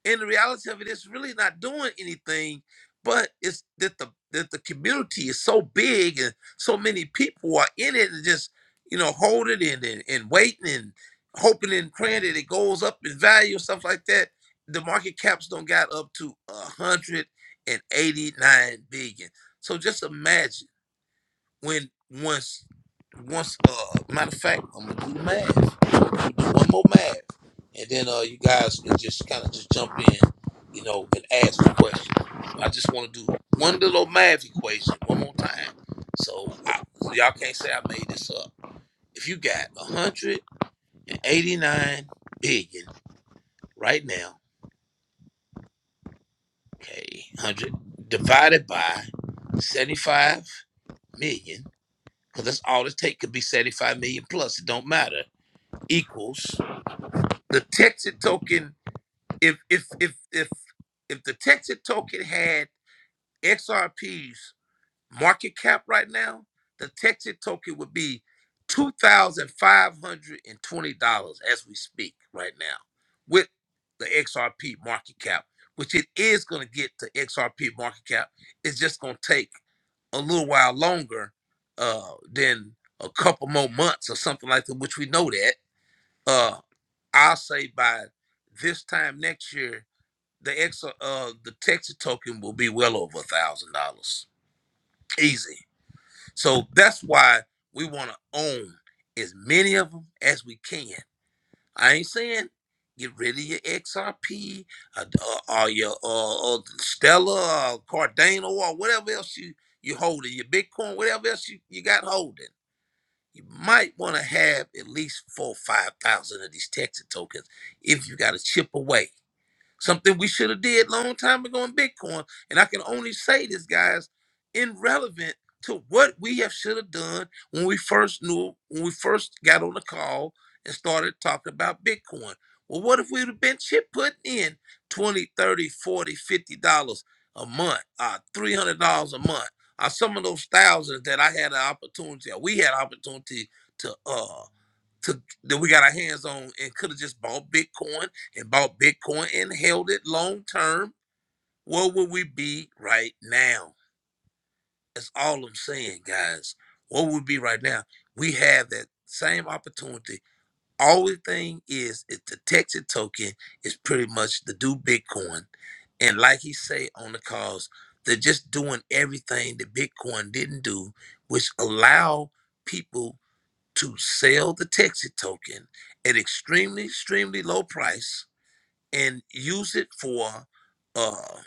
B: and the reality of it is really not doing anything but it's that the that the community is so big and so many people are in it and just you know holding it and, and waiting and hoping and praying that it goes up in value and stuff like that the market caps don't got up to 189 billion so just imagine when once once uh matter of fact, I'm gonna do the math. Do one more math. And then uh you guys can just kinda just jump in, you know, and ask the question. I just wanna do one little math equation one more time. So I, so y'all can't say I made this up. If you got one hundred and eighty nine billion right now, okay, one hundred divided by seventy five million, because that's all it take could be seventy five million plus. It don't matter equals the Texas token. If if if if if the Texas token had XRP's market cap right now, the Texas token would be two thousand five hundred and twenty dollars as we speak right now, with the XRP market cap, which it is going to get to XRP market cap. It's just going to take a little while longer uh, than a couple more months or something like that, which we know that. Uh, I'll say by this time next year, the extra uh the Texas token will be well over a thousand dollars. Easy. So that's why we want to own as many of them as we can. I ain't saying get rid of your XRP uh, uh, or or, or your uh, uh, Stella or Cardano or whatever else you you holding, your Bitcoin, whatever else you, you got holding. You might want to have at least four or five thousand of these Texas tokens if you got to chip away. Something we should have did long time ago in Bitcoin. And I can only say this, guys, irrelevant to what we have should have done when we first knew, when we first got on the call and started talking about Bitcoin. Well, what if we'd have been chip putting in 20, 30, 40, 50 dollars a month, uh, three hundred dollars a month? uh, some of those thousands that I had an opportunity, or we had opportunity to, uh to, that we got our hands on and could have just bought Bitcoin and bought Bitcoin and held it long term, where would we be right now? That's all I'm saying, guys. What would be right now? We have that same opportunity. Only thing is, is the Texas token is pretty much the do Bitcoin, and like he say on the calls, they're just doing everything that Bitcoin didn't do, which allow people to sell the Texas token at extremely, extremely low price and use it for uh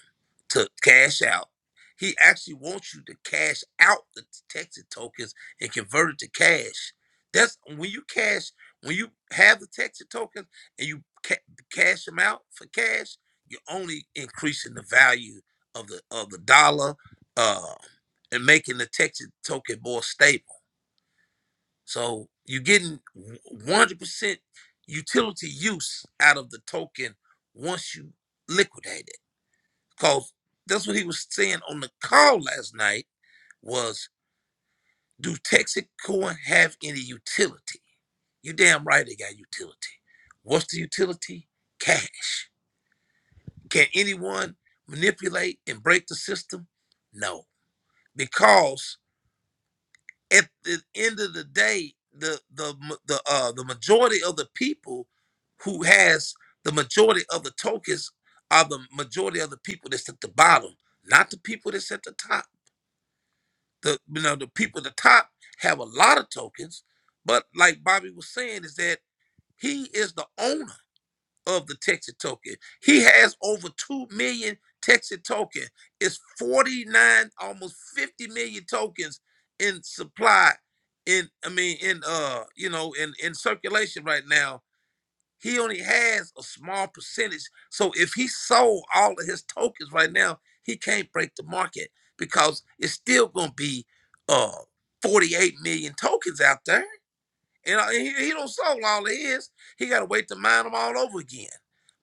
B: to cash out. He actually wants you to cash out the Texas tokens and convert it to cash. That's when you cash when you have the Texas tokens and you ca- cash them out for cash. You're only increasing the value of the of the dollar uh, and making the Texas token more stable. So you're getting 100% utility use out of the token once you liquidate it. Because that's what he was saying on the call last night was, do Texas Coin have any utility? You damn right they got utility. What's the utility? Cash. Can anyone manipulate and break the system? No. Because at the end of the day, the the ma- the uh the majority of the people who has the majority of the tokens are the majority of the people that's at the bottom, not the people that's at the top. The you know the people at the top have a lot of tokens, but like Bobby was saying, is that he is the owner of the Texas token. He has over 2 million Texas token. It's 49, almost 50 million tokens in supply in I mean in uh you know in in circulation right now. He only has a small percentage. So if he sold all of his tokens right now, he can't break the market because it's still going to be uh 48 million tokens out there and uh, he, he don't solve all it is. He got to wait to mine them all over again.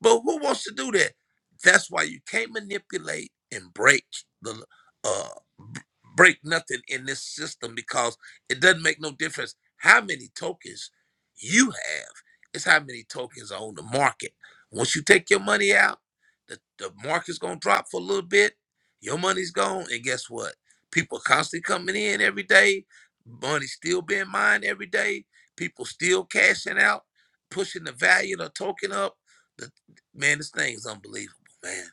B: But who wants to do that? That's why you can't manipulate and break the uh b- break nothing in this system because it doesn't make no difference how many tokens you have. It's how many tokens are on the market. Once you take your money out, the, the market's gonna drop for a little bit. Your money's gone, and guess what? People constantly coming in every day. Money still being mined every day People still cashing out, pushing the value of the token up. The, man, this thing's unbelievable, man.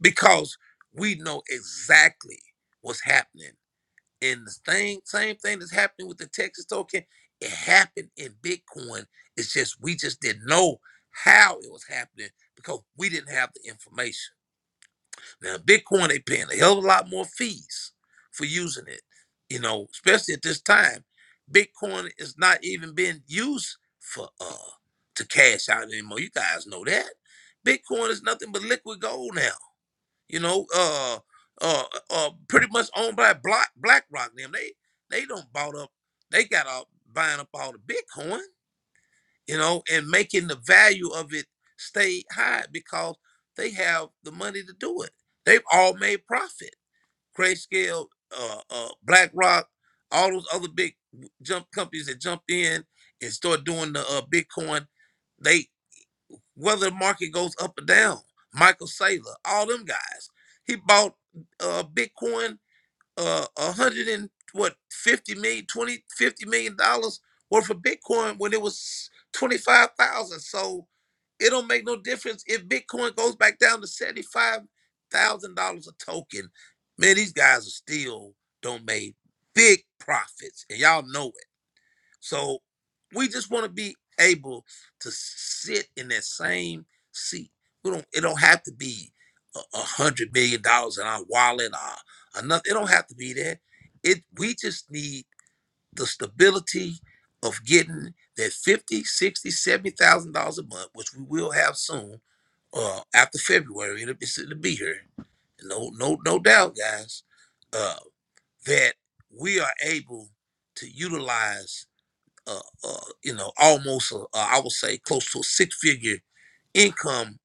B: Because we know exactly what's happening. And the thing, same thing that's happening with the Texas token, it happened in Bitcoin. It's just we just didn't know how it was happening because we didn't have the information. Now, Bitcoin, they paying a hell of a lot more fees for using it. You know, especially at this time, Bitcoin is not even being used for uh to cash out anymore. You guys know that. Bitcoin is nothing but liquid gold now. You know, uh, uh, uh pretty much owned by Black BlackRock. Them they they don't bought up. They got out buying up all the Bitcoin you know, and making the value of it stay high because they have the money to do it. They've all made profit. Grayscale, uh, uh, BlackRock, all those other big jump companies that jumped in and start doing the uh, Bitcoin. They whether the market goes up or down. Michael Saylor, all them guys. He bought uh, Bitcoin uh a hundred and what fifty million, twenty fifty million dollars worth of bitcoin when it was 25,000 so it don't make no difference if bitcoin goes back down to 75,000 dollars a token man these guys are still don't make big profits and y'all know it. So we just want to be able to sit in that same seat. We don't. It don't have to be a a hundred million dollars in our wallet uh, or enough. It don't have to be that. It. We just need the stability of getting that 50, 60, 70000 dollars a month which we will have soon uh after february it'll, it's- it'll be here no no no doubt guys uh that we are able to utilize uh, uh, you know, almost a, uh, I would say close to a six figure income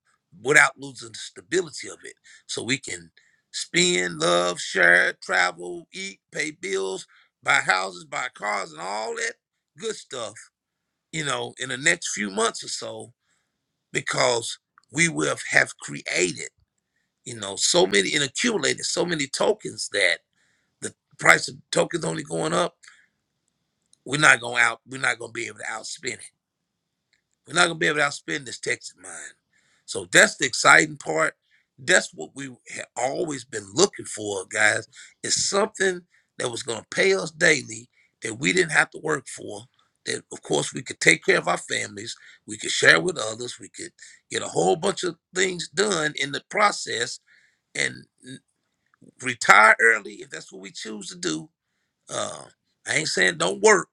B: without losing the stability of it. So we can spend, love, share, travel, eat, pay bills, buy houses, buy cars, and all that good stuff, you know, in the next few months or so, because we will have created, you know, so many and accumulated so many tokens that the price of tokens only going up. We're not going out. We're not going to be able to outspend it We're not gonna be able to outspend this Texas mine. So that's the exciting part. That's what we have always been looking for, guys. It's something that was gonna pay us daily that we didn't have to work for. That of course we could take care of our families, we could share with others, we could get a whole bunch of things done in the process and retire early if that's what we choose to do. Uh, I ain't saying don't work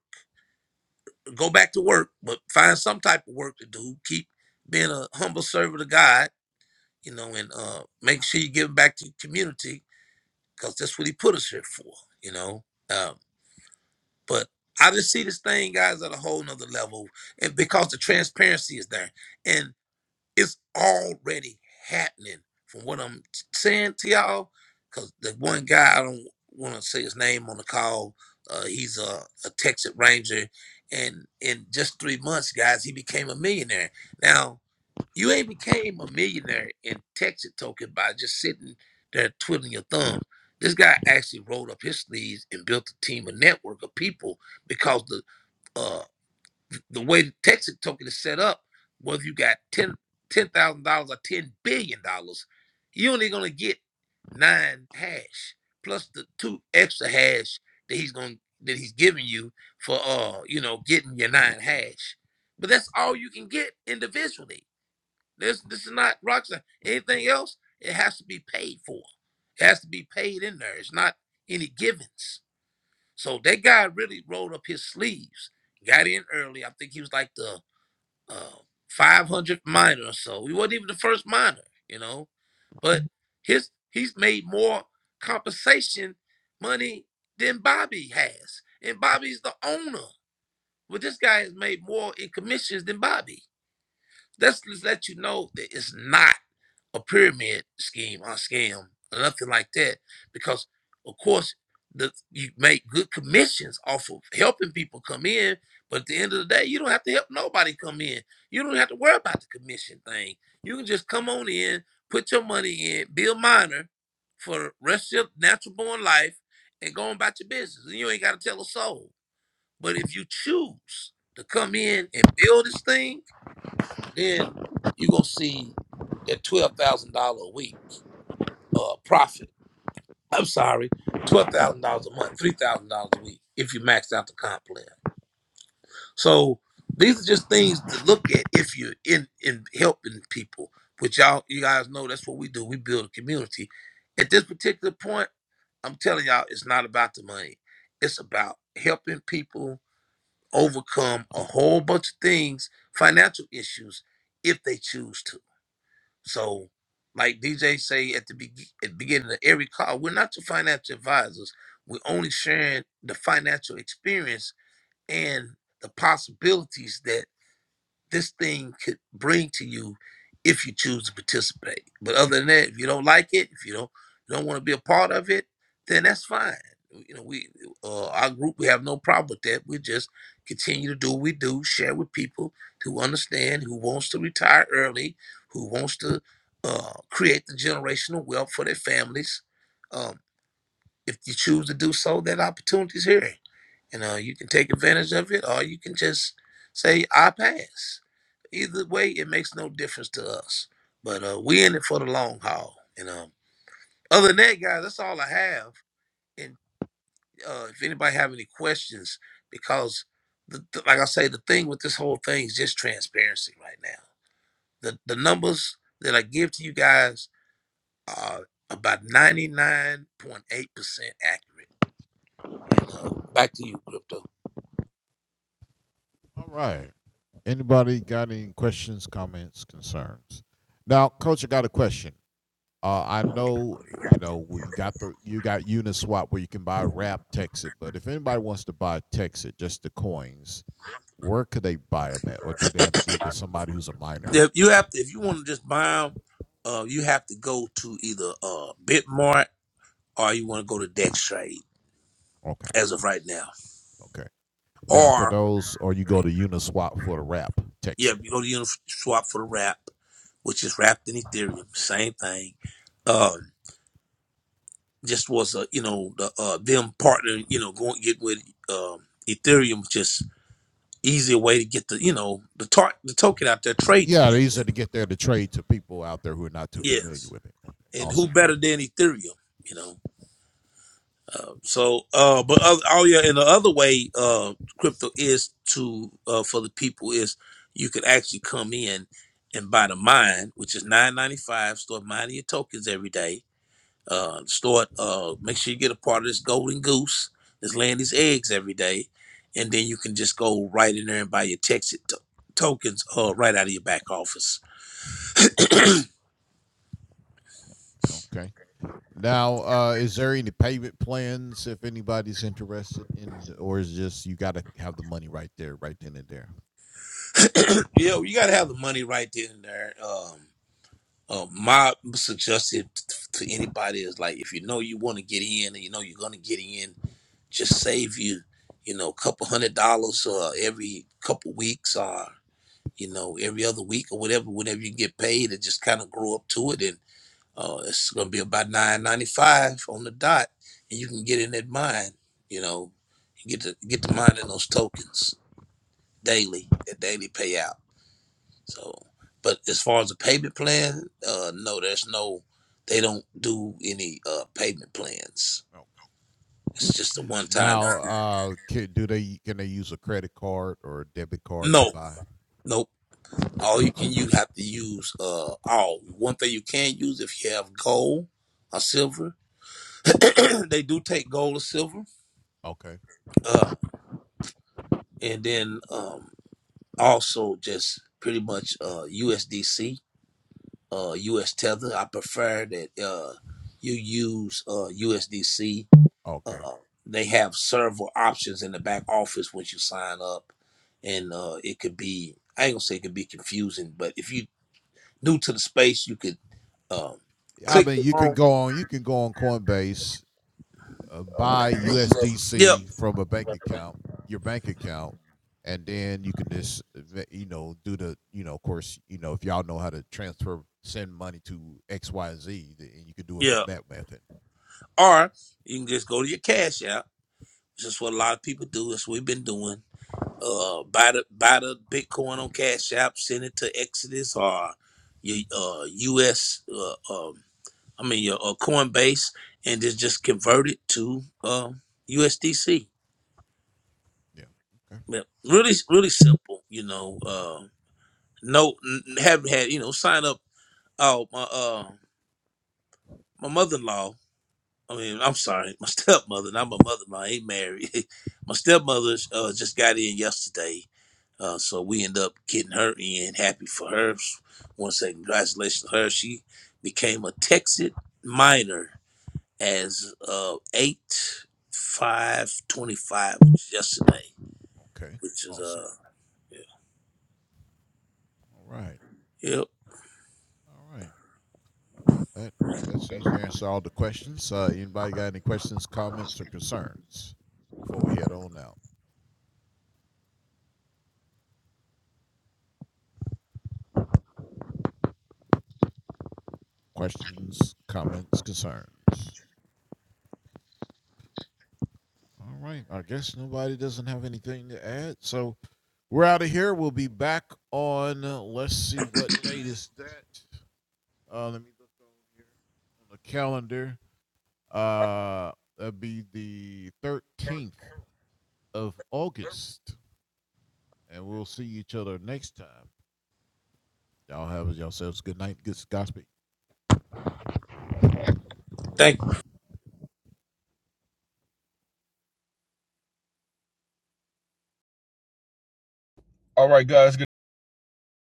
B: go back to work, but find some type of work to do. Keep being a humble servant of God, you know, and uh, make sure you give back to the community because that's what He put us here for, you know. Um, but I just see this thing, guys, at a whole nother level, and because the transparency is there, and. It's already happening from what I'm t- saying to y'all. Because the one guy, I don't want to say his name on the call, uh, he's a, a Texas Ranger. And in just three months, guys, he became a millionaire. Now, you ain't became a millionaire in Texas token by just sitting there twiddling your thumb. This guy actually rolled up his sleeves and built a team, a network of people because the uh. The way the Texas token is set up, whether you got ten ten thousand dollars or ten billion dollars, you're only gonna get nine hash plus the two extra hash that he's going that he's giving you for uh you know getting your nine hash. But that's all you can get individually. This this is not rock science. Anything else, it has to be paid for. It has to be paid in there. It's not any givens. So that guy really rolled up his sleeves, got in early. I think he was like the uh, 500 minor or so. We wasn't even the first minor, you know. But his he's made more compensation money than Bobby has, and Bobby's the owner. But this guy has made more in commissions than Bobby. Let's just let you know that it's not a pyramid scheme or scam or nothing like that. Because of course the you make good commissions off of helping people come in, but at the end of the day, you don't have to help nobody come in. You don't have to worry about the commission thing. You can just come on in, put your money in, be a miner for the rest of your natural born life and go on about your business. And you ain't gotta tell a soul. But if you choose to come in and build this thing, then you're gonna see that twelve thousand dollar a week uh profit. I'm sorry, twelve thousand dollars a month, three thousand dollars a week if you max out the comp plan. So these are just things to look at if you're in in helping people. Which y'all you guys know that's what we do. We build a community. At this particular point, I'm telling y'all, it's not about the money. It's about helping people overcome a whole bunch of things, financial issues, if they choose to. So, like DJ say at the, be- at the beginning of every call, we're not the financial advisors. We're only sharing the financial experience and the possibilities that this thing could bring to you if you choose to participate. But other than that, if you don't like it, if you don't you don't want to be a part of it, then that's fine. You know, we uh, our group we have no problem with that. We just continue to do what we do, share with people who understand, who wants to retire early, who wants to uh, create the generational wealth for their families. Um, if you choose to do so, that opportunity's here. You know, you can take advantage of it or you can just say, I pass. Either way, it makes no difference to us. But uh, we in it for the long haul. You know. other than that, guys, that's all I have. And uh, if anybody have any questions, because the, the- like I say, the thing with this whole thing is just transparency right now. The, the numbers that I give to you guys are about 99.8% accurate. Uh, back to you, Crypto.
A: All right. Anybody got any questions, comments, concerns? Now, coach, I got a question. Uh, I know, you know, we got the you got Uniswap where you can buy wrap Texit, but if anybody wants to buy Texit, just the coins, where could they buy them at, or do they have to get with somebody who's a miner?
B: If you have to, if you want to just buy them, uh, you have to go to either uh Bitmart or you want to go to Dextrade
A: Okay,
B: as of right now,
A: okay. Now for
B: or
A: those, or you go to Uniswap for the wrap
B: yeah,
A: Texit.
B: you go to Uniswap for the wrap, which is wrapped in Ethereum, same thing. Um, just was a you know the uh them partner you know going get with um Ethereum just easier way to get the you know the tar- the token out there trading.
A: Yeah, these are to get there to trade to people out there who are not too familiar
B: Yes,
A: with it. Okay,
B: and who
A: awesome.
B: better than Ethereum? You know. Uh, so, uh, but other, oh yeah, and the other way uh, crypto is to uh, for the people is you can actually come in and buy the mine, which is nine ninety five. Start mining your tokens every day. Uh, start. Uh, make sure you get a part of this golden goose that's laying these eggs every day, and then you can just go right in there and buy your Texas to- tokens uh, right out of your back office. *clears throat*
A: Okay. Now, uh, is there any payment plans if anybody's interested in, or is just you got to have the money right there, right then and there?
B: Yeah, you got to have the money right then and there. Um, Uh, my suggestion to anybody is like, if you know you want to get in, and you know you're gonna get in, just save you, you know, a couple hundred dollars uh, every couple weeks or, you know, every other week or whatever, whenever you get paid and just kind of grow up to it. And uh, it's going to be about nine ninety five on the dot and you can get in that mine, you know, you get to get to mining those tokens daily, that daily payout. So, but as far as the payment plan, uh, no, there's no, they don't do any uh payment plans.
A: Okay.
B: It's just a one time.
A: Now, uh, can, do they can they use a credit card or a debit card to
B: No,
A: buy?
B: nope. All you can you have to use uh all. One thing you can use if you have gold or silver, *clears throat* they do take gold or silver.
A: Okay,
B: Uh, and then um also just pretty much uh USDC, uh US Tether. I prefer that uh you use uh USDC
A: okay.
B: Uh, they have several options in the back office once you sign up, and uh, it could be I ain't gonna say it could be confusing, but if you new to the space, you could um,
A: I
B: click
A: mean,
B: the
A: you can
B: wrong.
A: go on you can go on Coinbase, uh, buy
B: Yep,
A: USDC from a bank account, your bank account, and then you can just uh, you know do the you know of course you know if y'all know how to transfer send money to X Y Z, and you can do it from
B: yeah.
A: that method.
B: Or you can just go to your Cash App. This is what a lot of people do. That's what we've been doing. Uh, buy the buy the Bitcoin on Cash App, send it to Exodus or your uh, U.S. Uh, um, I mean your uh, Coinbase, and just just convert it to um, USDC
A: Yeah. Okay.
B: Yeah, really, really simple. You know, uh, no, n- haven't had. You know, sign up. Oh, my, uh, my mother-in-law. I mean, I'm sorry, my *laughs* stepmother. Not my mother-in-law. ain't married. *laughs* my stepmother uh, just got in yesterday, uh, so we end up getting her in. Happy for her. Want to say congratulations to her. She became a Texas minor as uh, eight five twenty five yesterday,
A: Okay.
B: which is
A: Awesome.
B: uh, yeah.
A: All right.
B: Yep.
A: All right. Well, that, that seems to answer all the questions. Uh, anybody got any questions, comments, or concerns before we head on out? Questions, comments, concerns. All right. I guess nobody doesn't have anything to add. So we're out of here. We'll be back on, uh, let's see, what date is that? Uh, let me look over here on the calendar. Uh, that'd be the 13th of August. And we'll see each other next time. Y'all have yourselves a good night. Good gossip.
B: Thank
C: All right, guys.